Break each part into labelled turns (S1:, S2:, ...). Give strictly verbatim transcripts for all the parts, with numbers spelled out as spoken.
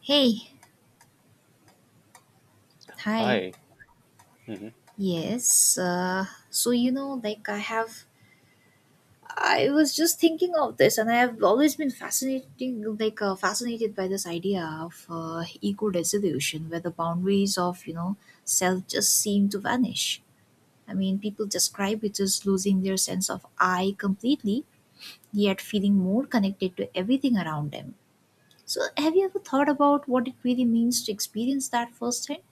S1: Hey, hi.
S2: Hi. hmm
S1: Yes, uh, so you know, like I have, I was just thinking of this, and I have always been fascinating, like uh, fascinated by this idea of uh, eco-resolution, where the boundaries of you know self just seem to vanish. I mean, people describe it as losing their sense of I completely, yet feeling more connected to everything around them. So, have you ever thought about what it really means to experience that firsthand?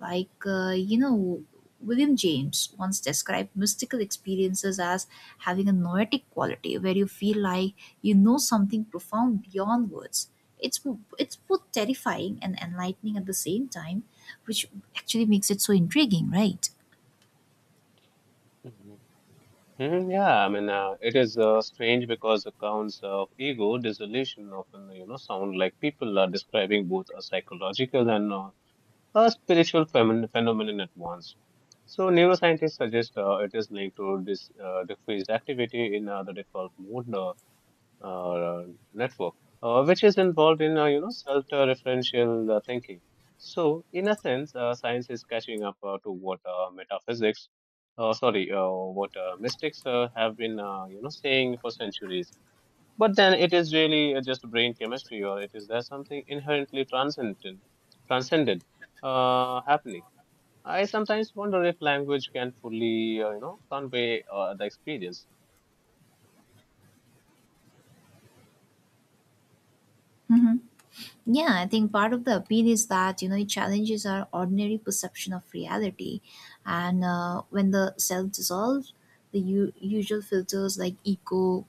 S1: Like, uh, you know, William James once described mystical experiences as having a noetic quality where you feel like you know something profound beyond words. It's, it's both terrifying and enlightening at the same time, which actually makes it so intriguing, right?
S2: hmm hmm Yeah, I mean, uh, it is uh, strange because accounts of ego dissolution often, you know, sound like people are describing both a psychological and uh, a spiritual phenom phenomenon at once. So, neuroscientists suggest uh, it is linked to this uh, decreased activity in uh, the default mode, uh, uh, network, uh, which is involved in uh, you know self-referential uh, thinking. So, in a sense, uh, science is catching up uh, to what uh, metaphysics, uh, sorry, uh, what uh, mystics uh, have been uh, you know saying for centuries. But then it is really uh, just brain chemistry, or it is there something inherently transcendent, transcended uh, happening. I sometimes wonder if language can fully, uh, you know, convey uh, the experience.
S1: Mhm. Yeah, I think part of the appeal is that you know it challenges our ordinary perception of reality, and uh, when the self dissolves, the u- usual filters like ego,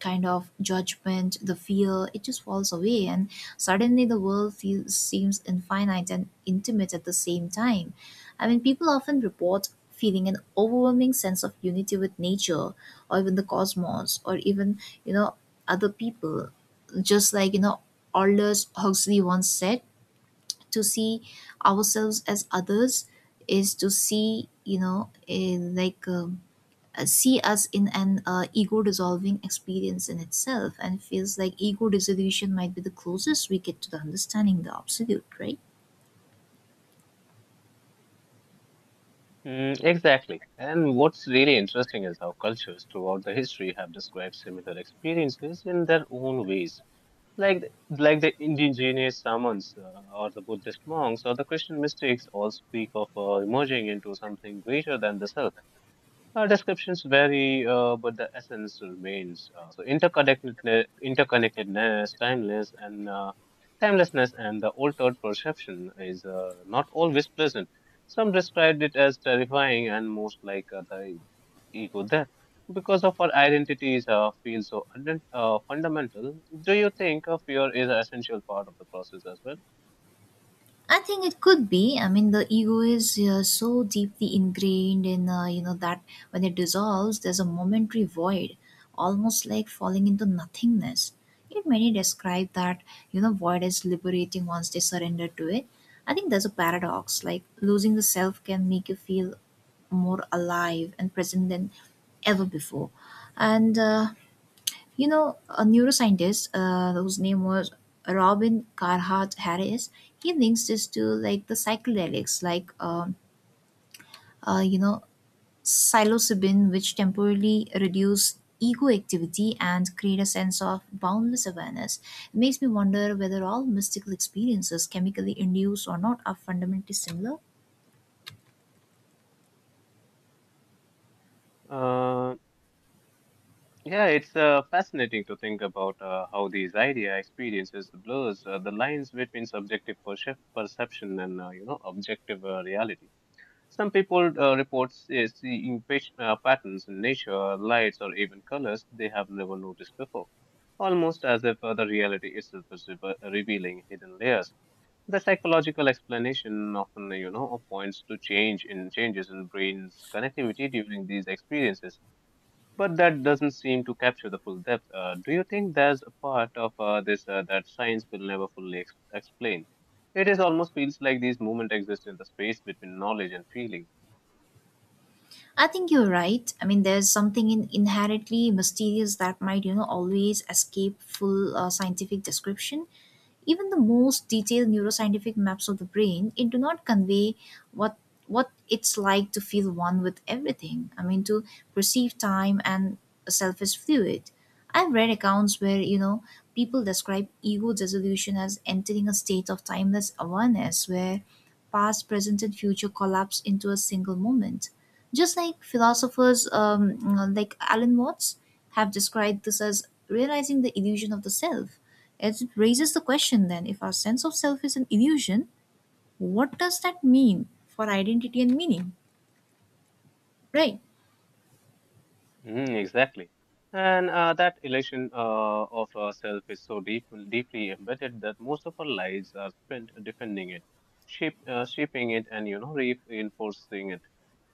S1: kind of judgment, the fear, it just falls away, and suddenly the world feels seems infinite and intimate at the same time. I mean, people often report feeling an overwhelming sense of unity with nature, or even the cosmos, or even you know other people just like you know Aldous Huxley once said, to see ourselves as others is to see, you know, eh, like um, uh, see us in an uh, ego dissolving experience in itself and feels like ego dissolution might be the closest we get to the understanding the absolute, right?
S2: Mm, exactly. And what's really interesting is how cultures throughout the history have described similar experiences in their own ways. Like the- like the indigenous shamans uh, or the Buddhist monks or the Christian mystics all speak of uh, emerging into something greater than the self. Uh, descriptions vary, uh, but the essence remains. Uh, so interconnectedness, interconnectedness, timeless, and uh, timelessness, and the altered perception is uh, not always pleasant. Some described it as terrifying and most like uh, the ego death because of our identities uh, feel so undent- uh, fundamental. Do you think uh, fear is an essential part of the process as well?
S1: I think it could be. I mean, the ego is uh, so deeply ingrained in, uh, you know, that when it dissolves, there's a momentary void, almost like falling into nothingness. Yet many describe that, you know, void as liberating once they surrender to it. I think there's a paradox, like losing the self can make you feel more alive and present than ever before. And uh, you know, a neuroscientist uh, whose name was Robin Carhart Harris, he links this to like the psychedelics, like, um, uh, you know, psilocybin, which temporarily reduce ego activity and create a sense of boundless awareness. It makes me wonder whether all mystical experiences, chemically induced or not, are fundamentally similar.
S2: Uh, Yeah, it's uh, fascinating to think about uh, how these idea experiences blurs uh, the lines between subjective percep- perception and uh, you know objective uh, reality. Some people uh, report se- seeing pat- uh, patterns in nature, lights, or even colors they have never noticed before, almost as if uh, the reality itself is reve- revealing hidden layers. The psychological explanation often you know points to change in changes in brain's connectivity during these experiences but that doesn't seem to capture the full depth. Uh, do you think there's a part of uh, this uh, that science will never fully ex- explain? It is almost feels like these movements exist in the space between knowledge and feeling.
S1: I think you're right. I mean, there's something in inherently mysterious that might, you know, always escape full uh, scientific description. Even the most detailed neuroscientific maps of the brain, it do not convey what what it's like to feel one with everything. I mean, to perceive time and self as fluid. I've read accounts where you know people describe ego dissolution as entering a state of timeless awareness where past, present, and future collapse into a single moment. Just like philosophers um, like Alan Watts, have described this as realizing the illusion of the self. It raises the question then if our sense of self is an illusion, what does that mean for identity and meaning? Right?
S2: Mm, exactly. And uh, that elation uh, of ourself is so deep, deeply embedded that most of our lives are spent defending it, shape, uh, shaping it, and you know reinforcing it.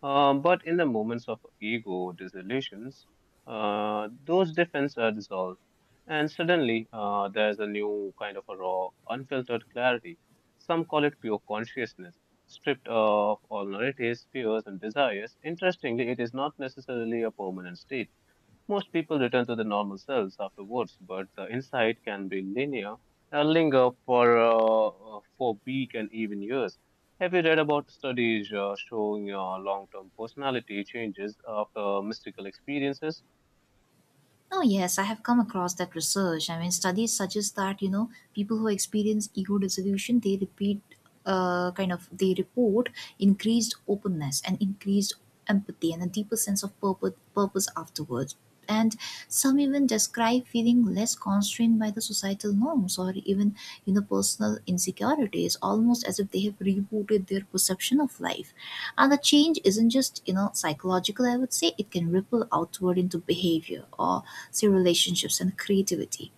S2: Um, but in the moments of ego disillusions, uh, those defenses are dissolved, and suddenly uh, there's a new kind of a raw, unfiltered clarity. Some call it pure consciousness stripped of all narratives, fears, and desires. Interestingly, it is not necessarily a permanent state. Most people return to the normal selves afterwards, but the insight can be linear, uh, linger for uh, uh, for week and even years. Have you read about studies uh, showing uh, long-term personality changes after mystical experiences?
S1: Oh, yes, I have come across that research. I mean, studies suggest that, you know, people who experience ego dissolution, they repeat, uh, kind of, they report increased openness and increased empathy and a deeper sense of purpose, purpose afterwards. And some even describe feeling less constrained by the societal norms or even, you know, personal insecurities, almost as if they have rebooted their perception of life. And the change isn't just, you know, psychological, I would say. It can ripple outward into behavior or, say, relationships and creativity.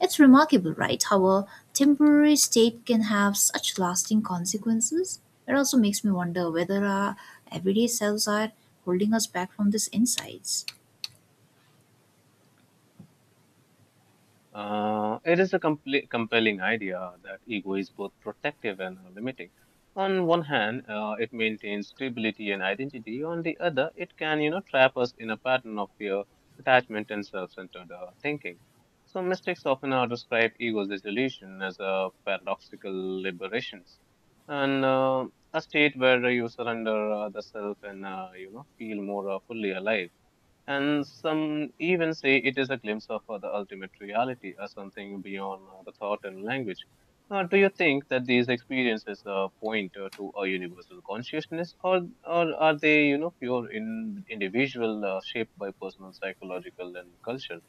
S1: It's remarkable, right? How a temporary state can have such lasting consequences. It also makes me wonder whether our everyday selves are holding us back from these insights.
S2: Uh, it is a compl- compelling idea that ego is both protective and uh, limiting. On one hand, uh, it maintains stability and identity. On the other, it can, you know, trap us in a pattern of fear, attachment, and self-centered uh, thinking. So mystics often uh, describe ego's dissolution as a paradoxical liberation, and uh, a state where you surrender uh, the self and uh, you know feel more uh, fully alive. And some even say it is a glimpse of uh, the ultimate reality or something beyond uh, the thought and language. Uh, do you think that these experiences uh, point uh, to a universal consciousness, or or are they, you know, pure in individual uh, shaped by personal psychological and culture?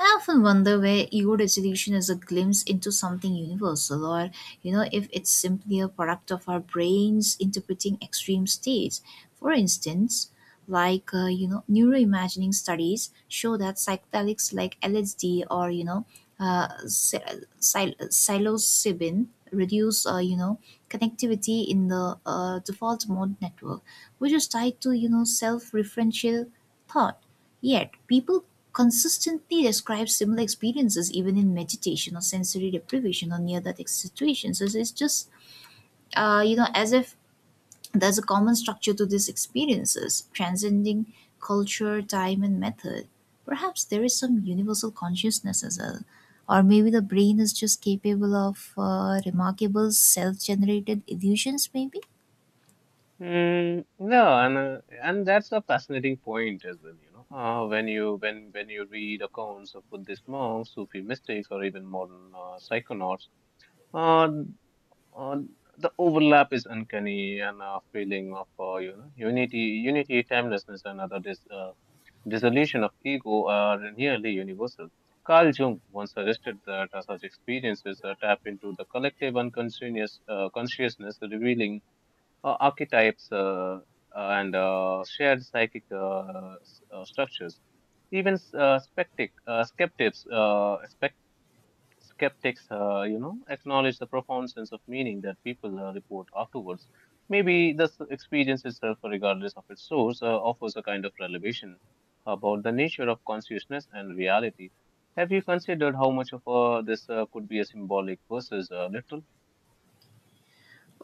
S1: I often wonder where ego resolution is a glimpse into something universal, or you know, if it's simply a product of our brains interpreting extreme states. For instance, like uh, you know, neuroimagining studies show that psychedelics like L S D or you know, uh, psi- psil- psilocybin reduce uh, you know connectivity in the uh, default mode network, which is tied to you know self-referential thought. Yet, people consistently describes similar experiences even in meditation or sensory deprivation or near that situations. So it's just uh, you know as if there's a common structure to these experiences, transcending culture, time, and method. Perhaps there is some universal consciousness as well, or maybe the brain is just capable of uh, remarkable self-generated illusions. Maybe.
S2: Mm, yeah, and uh, and that's a fascinating point as well, you know. Uh, when you when when you read accounts of Buddhist monks, Sufi mystics, or even modern uh, psychonauts. uh, Uh, the overlap is uncanny and a feeling of uh, you know unity, unity, timelessness, and other dis, uh, dissolution of ego are nearly universal. Carl Jung once suggested that uh, such experiences uh, tap into the collective unconscious uh, consciousness, revealing uh, archetypes uh, and uh, shared psychic uh, s- uh, structures. Even uh, spectic, uh, skeptics, uh, skeptics, uh, you know, acknowledge the profound sense of meaning that people uh, report afterwards. Maybe the s- experience itself, regardless of its source, uh, offers a kind of revelation about the nature of consciousness and reality. Have you considered how much of uh, this uh, could be a symbolic versus uh, literal?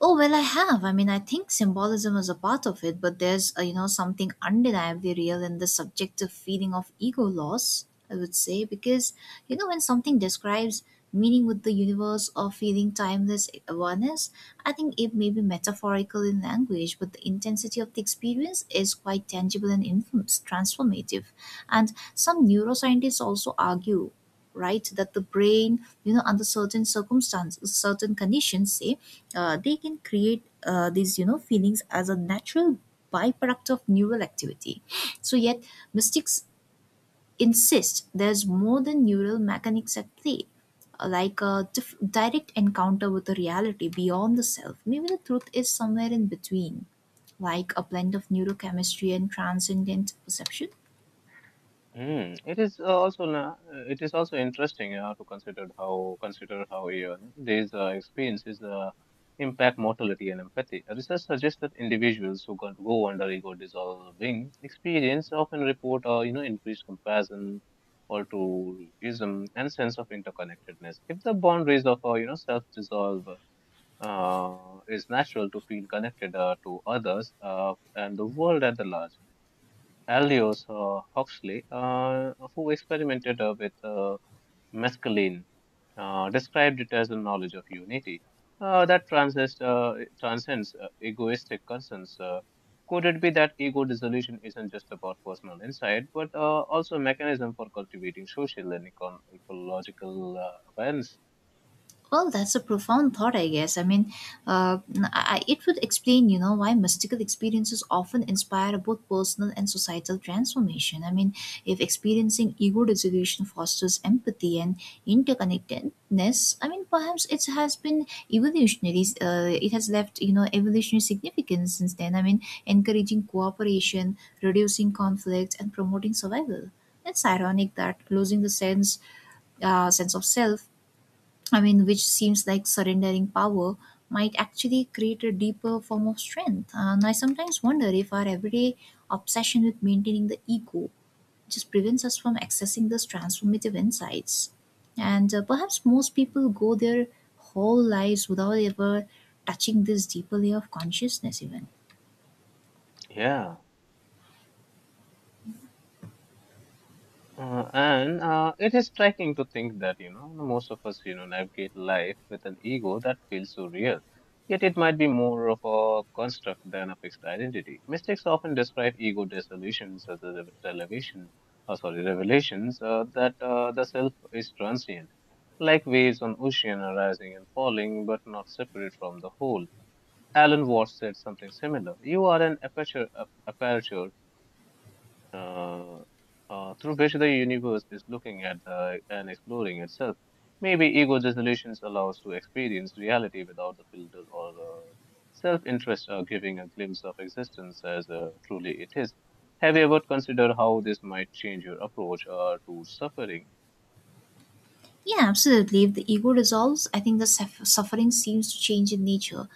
S1: Oh well, I have. I mean, I think symbolism is a part of it, but there's uh, you know something undeniably real in the subjective feeling of ego loss. I would say because you know when something describes meaning with the universe or feeling timeless awareness, I think it may be metaphorical in language, but the intensity of the experience is quite tangible and infamous, transformative. And some neuroscientists also argue right that the brain you know under certain circumstances certain conditions say uh, they can create uh, these you know feelings as a natural byproduct of neural activity so yet mystics insist there's more than neural mechanics at play, uh, like a dif- direct encounter with a reality beyond the self. Maybe the truth is somewhere in between, like a blend of neurochemistry and transcendent perception.
S2: Mm, it is uh, also na- uh, it is also interesting uh, to consider how consider how uh, these uh, experiences uh, impact mortality and empathy. Research suggests that individuals who go go under ego dissolving experience often report uh, you know increased compassion, altruism, and sense of interconnectedness. If the boundaries of uh, you know self dissolve uh, is natural to feel connected uh, to others uh, and the world at the large. Aldous uh, Huxley, uh, who experimented uh, with uh, mescaline, uh, described it as a knowledge of unity uh, that transcends, uh, transcends uh, egoistic concerns. Uh, could it be that ego dissolution isn't just about personal insight, but uh, also a mechanism for cultivating social and econ- ecological uh, awareness?
S1: Well, that's a profound thought, I guess. I mean, uh, I, I- it would explain, you know, why mystical experiences often inspire both personal and societal transformation. I mean, if experiencing ego dissolution fosters empathy and interconnectedness, I mean, perhaps it has been evolutionary. Uh, it has left, you know, evolutionary significance since then. I mean, encouraging cooperation, reducing conflict, and promoting survival. It's ironic that losing the sense uh, sense of self, I mean, which seems like surrendering power, might actually create a deeper form of strength. And I sometimes wonder if our everyday obsession with maintaining the ego just prevents us from accessing those transformative insights. And uh, perhaps most people go their whole lives without ever touching this deeper layer of consciousness, even.
S2: Yeah. Uh, and uh, it is striking to think that, you know, most of us, you know, navigate life with an ego that feels so real. Yet it might be more of a construct than a fixed identity. Mystics often describe ego dissolutions as a revelation, or sorry, revelations uh, that uh, the self is transient, like waves on ocean arising and falling, but not separate from the whole. Alan Watts said something similar. You are an aperture, a- aperture uh, uh, through which the universe is looking at uh, and exploring itself. Maybe ego dissolutions allows to experience reality without the filter or uh, self-interest, uh, giving a glimpse of existence as uh, truly it is. Have you ever considered how this might change your approach uh, to suffering?
S1: Yeah, absolutely. If the ego dissolves, I think the suff- suffering seems to change in nature.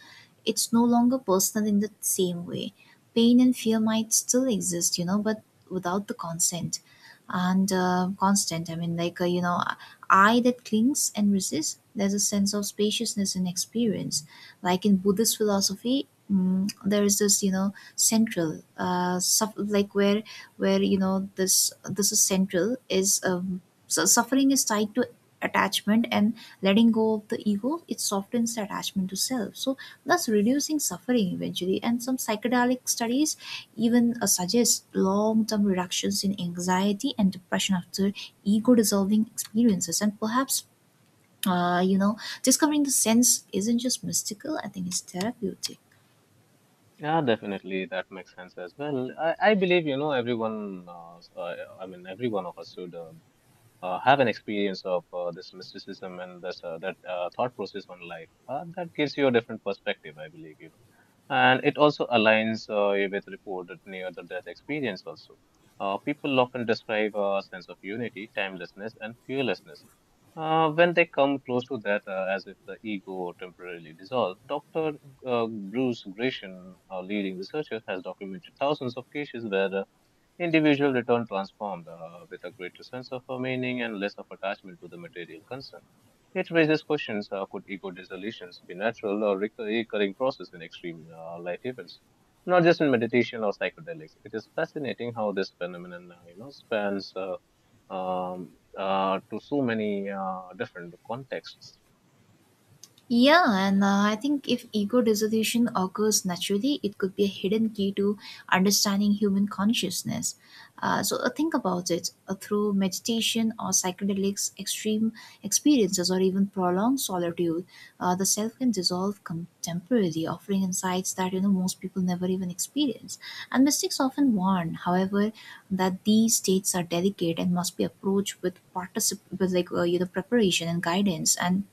S1: It's no longer personal in the same way. Pain and fear might still exist, you know, but without the consent and uh, constant. I mean, like, uh, you know, I that clings and resists, there's a sense of spaciousness in experience. Like in Buddhist philosophy, mm, there is this, you know, central, uh, suff- like where, where you know, this this is central is um, so suffering is tied to attachment, and letting go of the ego it softens the attachment to self, so thus reducing suffering eventually. And some psychedelic studies even uh, suggest long-term reductions in anxiety and depression after ego dissolving experiences, and perhaps uh, you know discovering the sense isn't just mystical, I think it's therapeutic.
S2: Yeah, definitely. That makes sense as well. I, I believe, you know, everyone, uh, s- uh, I mean, every one of us should uh, uh, have an experience of uh, this mysticism and this, uh, that uh, thought process on life. Uh, that gives you a different perspective, I believe, you know. And it also aligns uh, with reported near the death experience also. Uh, people often describe uh, a sense of unity, timelessness, and fearlessness. Uh, when they come close to that, uh, as if the ego temporarily dissolved, doctor Uh, Bruce Grisham, a leading researcher, has documented thousands of cases where uh, individual return transformed uh, with a greater sense of uh, meaning and less of attachment to the material concern. It raises questions uh, could ego dissolutions be natural or recur- recurring process in extreme uh, life events, not just in meditation or psychedelics? It is fascinating how this phenomenon uh, you know, spans uh, um, uh, to so many uh, different contexts.
S1: Yeah, and uh, I think if ego dissolution occurs naturally, it could be a hidden key to understanding human consciousness. Uh, so uh, think about it uh, through meditation or psychedelics, extreme experiences, or even prolonged solitude, uh, the self can dissolve com- temporarily, offering insights that you know most people never even experience. And mystics often warn, however, that these states are delicate and must be approached with particip- with like uh, you know preparation and guidance, and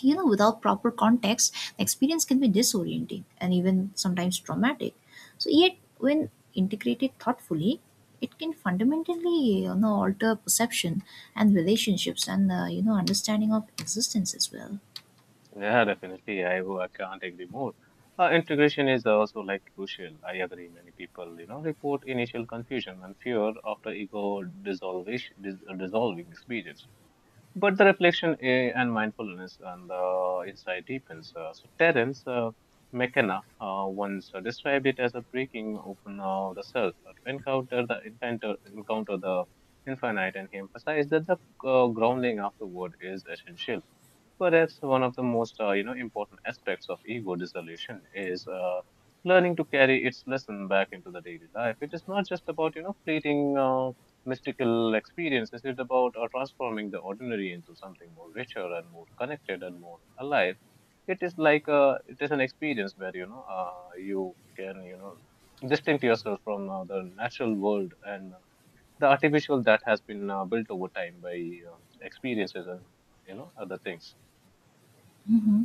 S1: you know without proper context the experience can be disorienting and even sometimes traumatic. So yet when integrated thoughtfully it can fundamentally you know alter perception and relationships and uh, you know understanding of existence as well.
S2: Yeah, definitely. I I can't agree more. Uh, integration is also like crucial. I agree. Many people, you know, report initial confusion and fear after ego dissolvish, dis, uh, dissolving experience. But the reflection eh, and mindfulness and the insight deepens. Uh, so Terence uh, McKenna uh, once uh, described it as a breaking open of the self uh, to encounter the encounter, encounter the infinite, and he emphasized that the uh, grounding afterward is essential. Perhaps one of the most uh, you know important aspects of ego dissolution is uh, learning to carry its lesson back into the daily life. It is not just about you know fleeting uh, mystical experiences. It's about uh, transforming the ordinary into something more richer and more connected and more alive. It is like uh, it is an experience where you know uh, you can you know distinct yourself from uh, the natural world and uh, the artificial that has been uh, built over time by uh, experiences and you know other things.
S1: Hmm.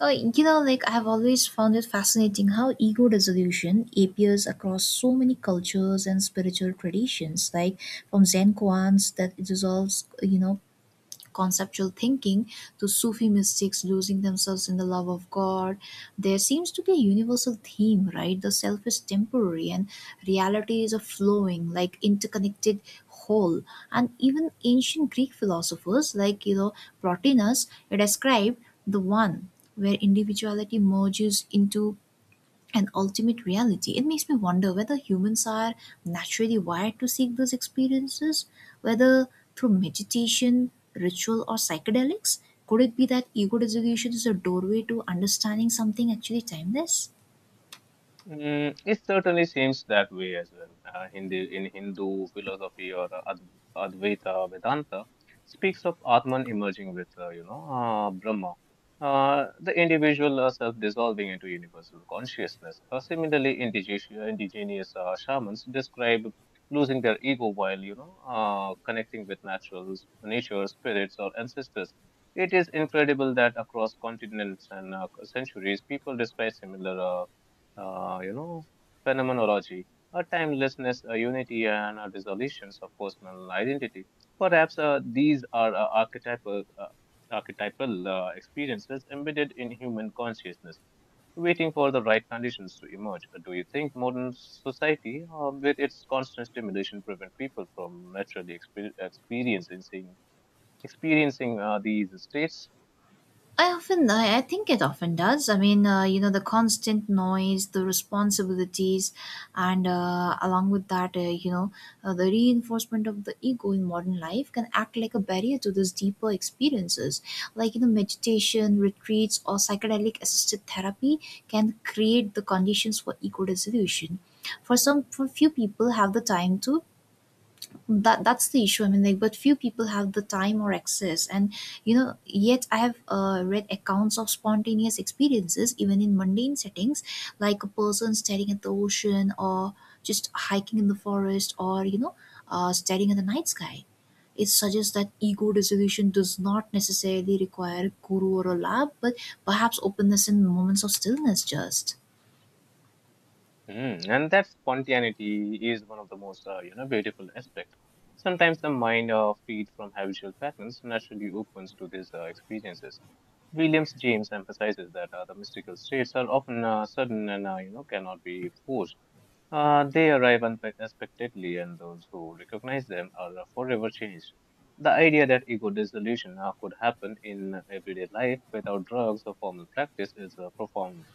S1: uh, you know like I have always found it fascinating how ego dissolution appears across so many cultures and spiritual traditions, like from Zen koans that it dissolves you know conceptual thinking, to Sufi mystics losing themselves in the love of God, there seems to be a universal theme, right? The self is temporary and reality is a flowing, like interconnected whole. And even ancient Greek philosophers like, you know, Plotinus, they described the one where individuality merges into and ultimate reality. It makes me wonder whether humans are naturally wired to seek those experiences, whether through meditation, ritual, or psychedelics. Could it be that ego dissolution is a doorway to understanding something actually timeless?
S2: Mm, it certainly seems that way as well. Uh, Hindi, in Hindu philosophy or uh, Ad- Advaita Vedanta speaks of Atman emerging with, uh, you know, uh, Brahma, uh, the individual uh, self dissolving into universal consciousness. Uh, similarly, indigenous, indigenous uh, shamans describe losing their ego while, you know, uh, connecting with naturals, nature, spirits, or ancestors. It is incredible that across continents and uh, centuries, people describe similar. Uh, uh, you know, phenomenology, a timelessness, a unity, and a dissolutions of personal identity. Perhaps uh, these are uh, archetypal, uh, archetypal uh, experiences embedded in human consciousness, waiting for the right conditions to emerge. Do you think modern society, uh, with its constant stimulation, prevent people from naturally exper- experiencing experiencing uh, these states?
S1: I often, I, I think it often does. I mean, uh, you know, the constant noise, the responsibilities, and uh, along with that, uh, you know, uh, the reinforcement of the ego in modern life can act like a barrier to those deeper experiences. Like, you know, meditation, retreats, or psychedelic assisted therapy can create the conditions for ego dissolution. For some, for few people have the time to, that that's the issue. I mean like, but few people have the time or access. And you know yet I have uh, read accounts of spontaneous experiences even in mundane settings, like a person staring at the ocean, or just hiking in the forest, or you know uh, staring at the night sky. It suggests that ego dissolution does not necessarily require a guru or a lab, but perhaps openness in moments of stillness just.
S2: Mm, and that spontaneity is one of the most, uh, you know, beautiful aspect. Sometimes the mind, uh, freed from habitual patterns, naturally opens to these uh, experiences. Williams James emphasizes that uh, the mystical states are often uh, sudden and, uh, you know, cannot be forced. Uh, they arrive unexpectedly, and those who recognize them are uh, forever changed. The idea that ego dissolution uh, could happen in everyday life without drugs or formal practice is uh, profound.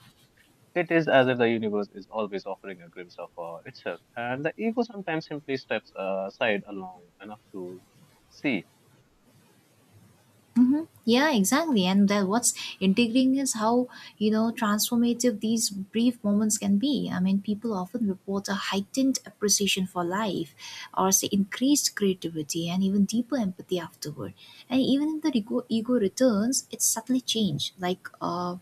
S2: It is as if the universe is always offering a glimpse of uh, itself, and the ego sometimes simply steps uh, aside long enough to see.
S1: Mm-hmm. Yeah, exactly. And that what's intriguing is how you know transformative these brief moments can be. I mean, people often report a heightened appreciation for life, or say increased creativity and even deeper empathy afterward. And even if the ego, ego returns, it's subtly changed, like uh,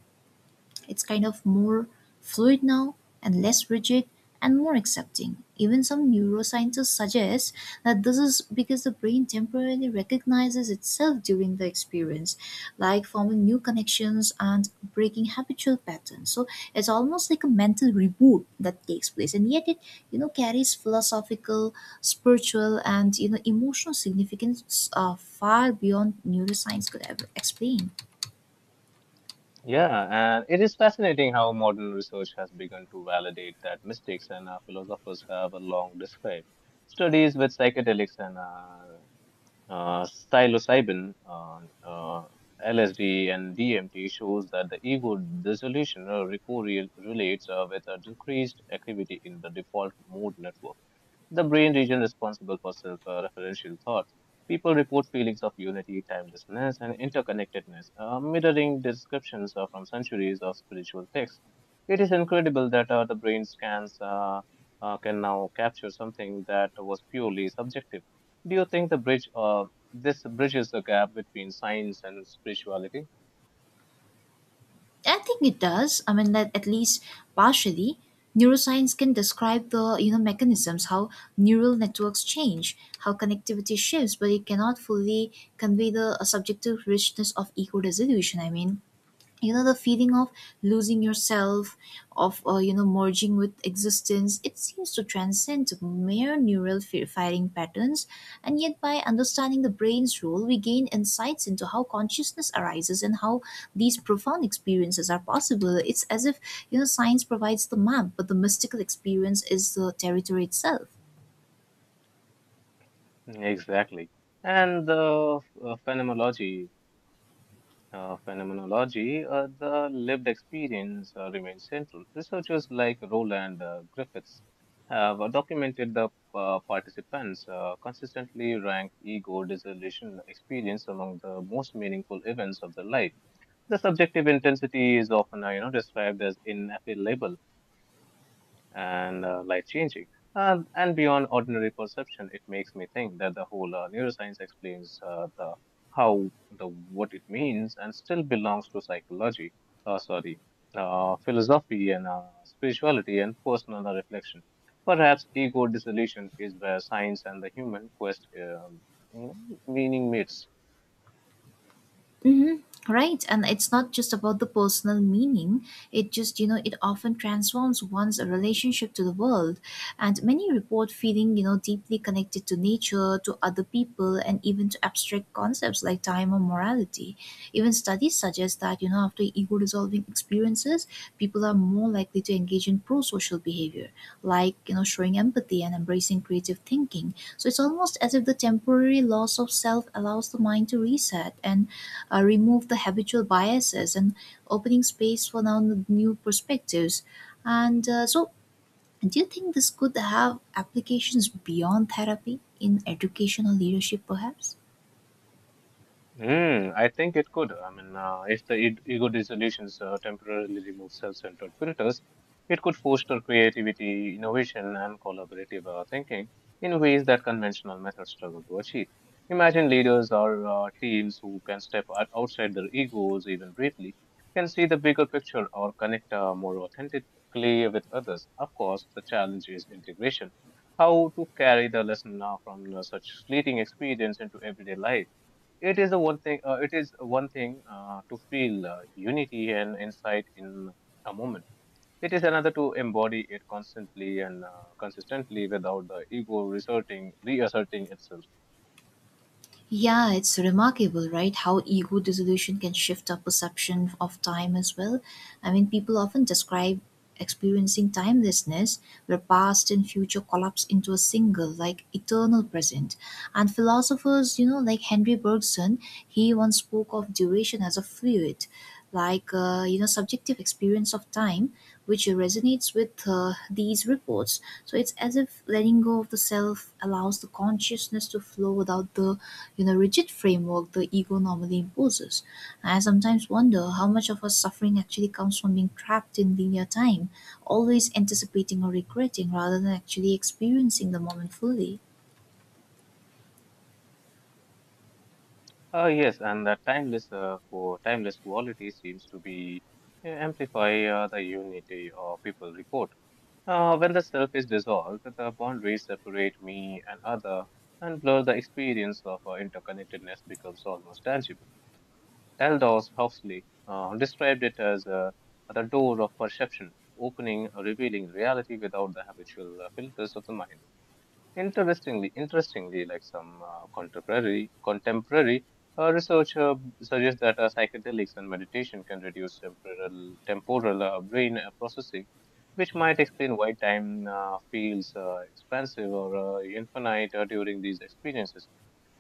S1: it's kind of more fluid now and less rigid and more accepting. Even some neuroscientists suggest that this is because the brain temporarily recognizes itself during the experience, like forming new connections and breaking habitual patterns. So it's almost like a mental reboot that takes place, and yet it you know carries philosophical, spiritual, and you know emotional significance uh, far beyond neuroscience could ever explain.
S2: Yeah, and it is fascinating how modern research has begun to validate that mistakes and uh, philosophers have a long described. Studies with psychedelics and uh, uh, psilocybin, uh, uh, L S D, and D M T shows that the ego dissolution uh, recorrel- relates uh, with a decreased activity in the default mode network. The brain region responsible for self uh, referential thought. People report feelings of unity, timelessness, and interconnectedness, uh, mirroring descriptions uh, from centuries of spiritual texts. It is incredible that uh, the brain scans uh, uh, can now capture something that was purely subjective. Do you think the bridge uh, this bridges the gap between science and spirituality?
S1: I think it does. I mean that at least partially, neuroscience can describe the you know mechanisms how neural networks change, how connectivity shifts, but it cannot fully convey the uh, subjective richness of eco resolution. I mean, you know the feeling of losing yourself of uh, you know merging with existence. It seems to transcend mere neural fi- firing patterns, and yet by understanding the brain's role we gain insights into how consciousness arises and how these profound experiences are possible. It's as if you know science provides the map, but the mystical experience is the territory itself.
S2: Exactly. And the uh, phenomenology uh, phenomenology, uh, the lived experience uh, remains central. Researchers like Roland uh, Griffiths have uh, documented the uh, participants uh, consistently rank ego dissolution experience among the most meaningful events of their life. The subjective intensity is often uh, you know described as inappellable and uh, life changing. Uh, and beyond ordinary perception, it makes me think that the whole uh, neuroscience explains uh, the how the what it means and still belongs to psychology, uh, sorry, uh, philosophy and uh, spirituality and personal reflection. Perhaps ego dissolution is where science and the human quest um, you know, meaning meets.
S1: Mm-hmm. Right. And it's not just about the personal meaning. It just, you know, it often transforms one's relationship to the world. And many report feeling, you know, deeply connected to nature, to other people, and even to abstract concepts like time or morality. Even studies suggest that, you know, after ego resolving experiences, people are more likely to engage in pro social behavior, like, you know, showing empathy and embracing creative thinking. So it's almost as if the temporary loss of self allows the mind to reset and uh, remove the habitual biases and opening space for now new perspectives. And uh, so, do you think this could have applications beyond therapy in education or leadership, perhaps?
S2: Hmm. I think it could. I mean, uh, if the id- ego dissolutions uh, temporarily remove self-centered filters, it could foster creativity, innovation, and collaborative uh, thinking in ways that conventional methods struggle to achieve. Imagine leaders or uh, teams who can step out outside their egos even briefly, can see the bigger picture or connect uh, more authentically with others. Of course, the challenge is integration. How to carry the lesson uh, from uh, such fleeting experience into everyday life it is a one thing. Uh, it is one thing uh, to feel uh, unity and insight in a moment. It is another to embody it constantly and uh, consistently without the ego resorting, reasserting itself.
S1: Yeah, it's remarkable, right? How ego dissolution can shift our perception of time as well. I mean, people often describe experiencing timelessness, where past and future collapse into a single, like eternal present. And philosophers, you know, like Henry Bergson, he once spoke of duration as a fluid, like, uh, you know, subjective experience of time, which resonates with uh, these reports. So it's as if letting go of the self allows the consciousness to flow without the you know rigid framework the ego normally imposes. I sometimes wonder how much of our suffering actually comes from being trapped in linear time, always anticipating or regretting rather than actually experiencing the moment fully.
S2: Uh, yes, and that timeless, uh, for timeless quality seems to be uh, amplify uh, the unity of people report. Uh, when the self is dissolved, the boundaries separate me and other and blur the experience of uh, interconnectedness becomes almost tangible. Aldous Huxley uh, described it as uh, the door of perception, opening, uh, revealing reality without the habitual uh, filters of the mind. Interestingly, interestingly, like some uh, contemporary contemporary uh, research uh, suggests that uh, psychedelics and meditation can reduce temporal temporal uh, brain uh, processing, which might explain why time uh, feels uh, expansive or uh, infinite uh, during these experiences.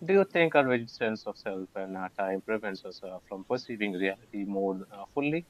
S2: Do you think our rigid sense of self and our time prevents us uh, from perceiving reality more uh, fully?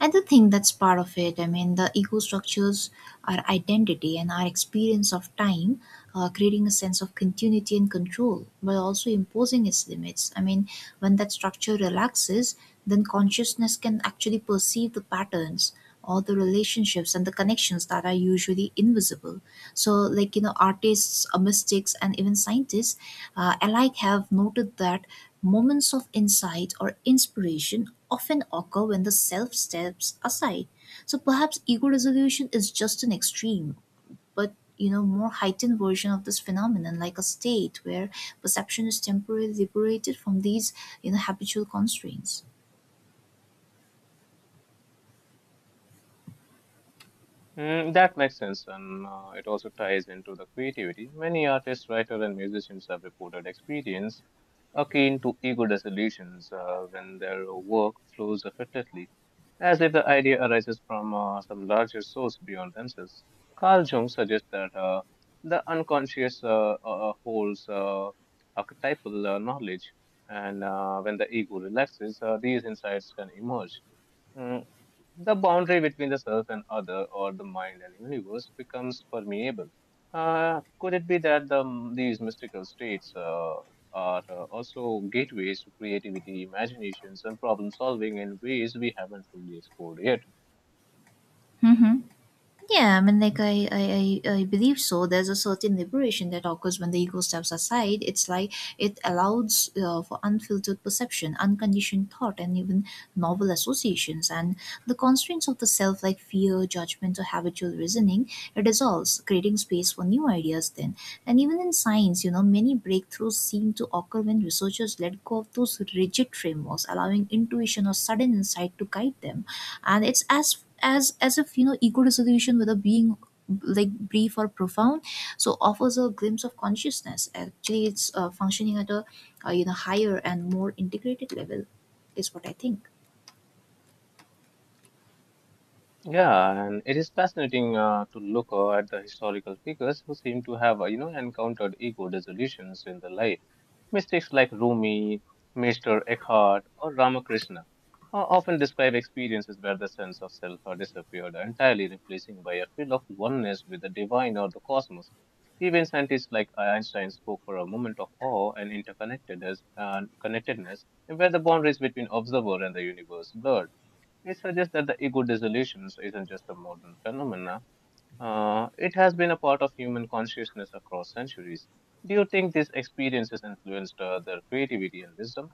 S1: I do think that's part of it. I mean, the ego structures our identity and our experience of time, uh, creating a sense of continuity and control, while also imposing its limits. I mean, when that structure relaxes, then consciousness can actually perceive the patterns or the relationships and the connections that are usually invisible. So, like, you know, artists, uh, mystics, and even scientists uh, alike have noted that moments of insight or inspiration often occur when the self steps aside. So perhaps ego resolution is just an extreme, but you know, more heightened version of this phenomenon, like a state where perception is temporarily liberated from these, you know, habitual constraints.
S2: Mm, that makes sense, and uh, it also ties into the creativity. Many artists, writers, and musicians have reported experience akin to ego dissolutions uh, when their work flows effortlessly, as if the idea arises from uh, some larger source beyond themselves. Carl Jung suggests that uh, the unconscious uh, uh, uh, holds uh, archetypal uh, knowledge, and uh, when the ego relaxes, uh, these insights can emerge. Mm, the boundary between the self and other, or the mind and universe, becomes permeable. Uh, could it be that the, these mystical states uh, are uh, also gateways to creativity, imaginations, and problem solving in ways we haven't fully explored yet?
S1: Yeah, I mean, like I, I, I I believe so. There's a certain liberation that occurs when the ego steps aside. It's like it allows uh, for unfiltered perception, unconditioned thought, and even novel associations. And the constraints of the self, like fear, judgment, or habitual reasoning, it dissolves, creating space for new ideas. Then, and even in science, you know, many breakthroughs seem to occur when researchers let go of those rigid frameworks, allowing intuition or sudden insight to guide them. And it's as as as if you know ego dissolution, whether being like brief or profound, so offers a glimpse of consciousness actually. It's uh, functioning at a uh, you know higher and more integrated level is what I think.
S2: Yeah, and it is fascinating uh, to look uh, at the historical figures who seem to have, uh, you know, encountered ego dissolutions in their life. Mystics like Rumi, Mister Eckhart, or Ramakrishna uh, often describe experiences where the sense of self uh, disappeared entirely, replacing by a feel of oneness with the divine or the cosmos. Even scientists like Einstein spoke for a moment of awe and interconnectedness, and connectedness, where the boundaries between observer and the universe blurred. They suggest that the ego dissolutions isn't just a modern phenomenon. Uh, it has been a part of human consciousness across centuries. Do you think these experiences influenced uh, their creativity and wisdom?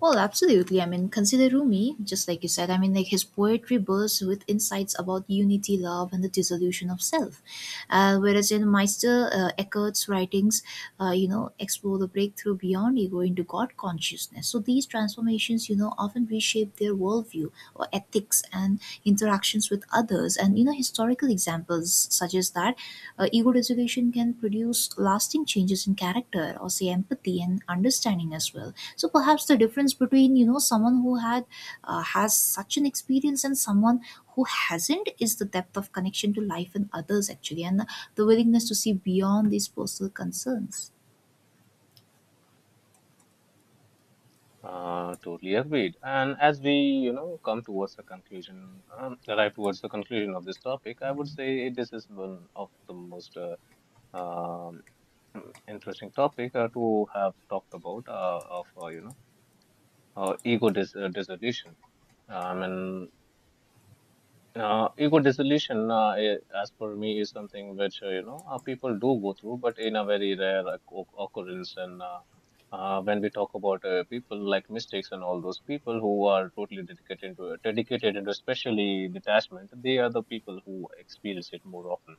S1: Well, absolutely. I mean, consider Rumi, just like you said. I mean, like his poetry bursts with insights about unity, love, and the dissolution of self. Uh, whereas in Meister uh, Eckhart's writings, uh, you know, explore the breakthrough beyond ego into God consciousness. So these transformations, you know, often reshape their worldview or ethics and interactions with others. And you know, historical examples suggest that uh, e education can produce lasting changes in character or say empathy and understanding as well. So perhaps the difference between you know someone who had uh, has such an experience and someone who hasn't is the depth of connection to life and others actually, and the the willingness to see beyond these personal concerns.
S2: Uh, totally agreed. And as we, you know, come towards the conclusion, um, arrive towards the conclusion of this topic, I would say this is one of the most uh, um, interesting topic uh, to have talked about uh, of uh, you know uh, ego dis- uh, dissolution. I mean, Uh, ego dissolution, uh, i- as per me, is something which uh, you know uh, people do go through, but in a very rare occ- occurrence. And uh, uh, when we talk about uh, people like mystics and all those people who are totally dedicated into dedicated into especially detachment, they are the people who experience it more often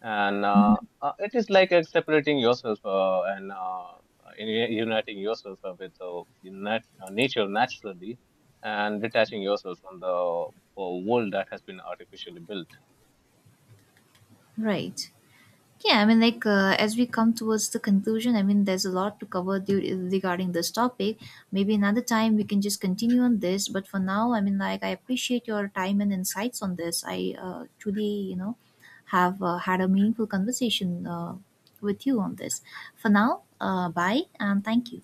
S2: and
S1: Mhm.
S2: uh, uh, it is like uh, separating yourself uh, and uh, in, uniting yourself uh, with uh, unite, uh, nature naturally and detaching yourself from the uh, world that has been artificially built
S1: Right. Yeah, I mean, like uh, as we come towards the conclusion, I mean, there's a lot to cover du- regarding this topic. Maybe another time we can just continue on this. But for now, I mean, like I appreciate your time and insights on this. I uh, truly, you know, have uh, had a meaningful conversation uh, with you on this. For now, uh, bye and thank you.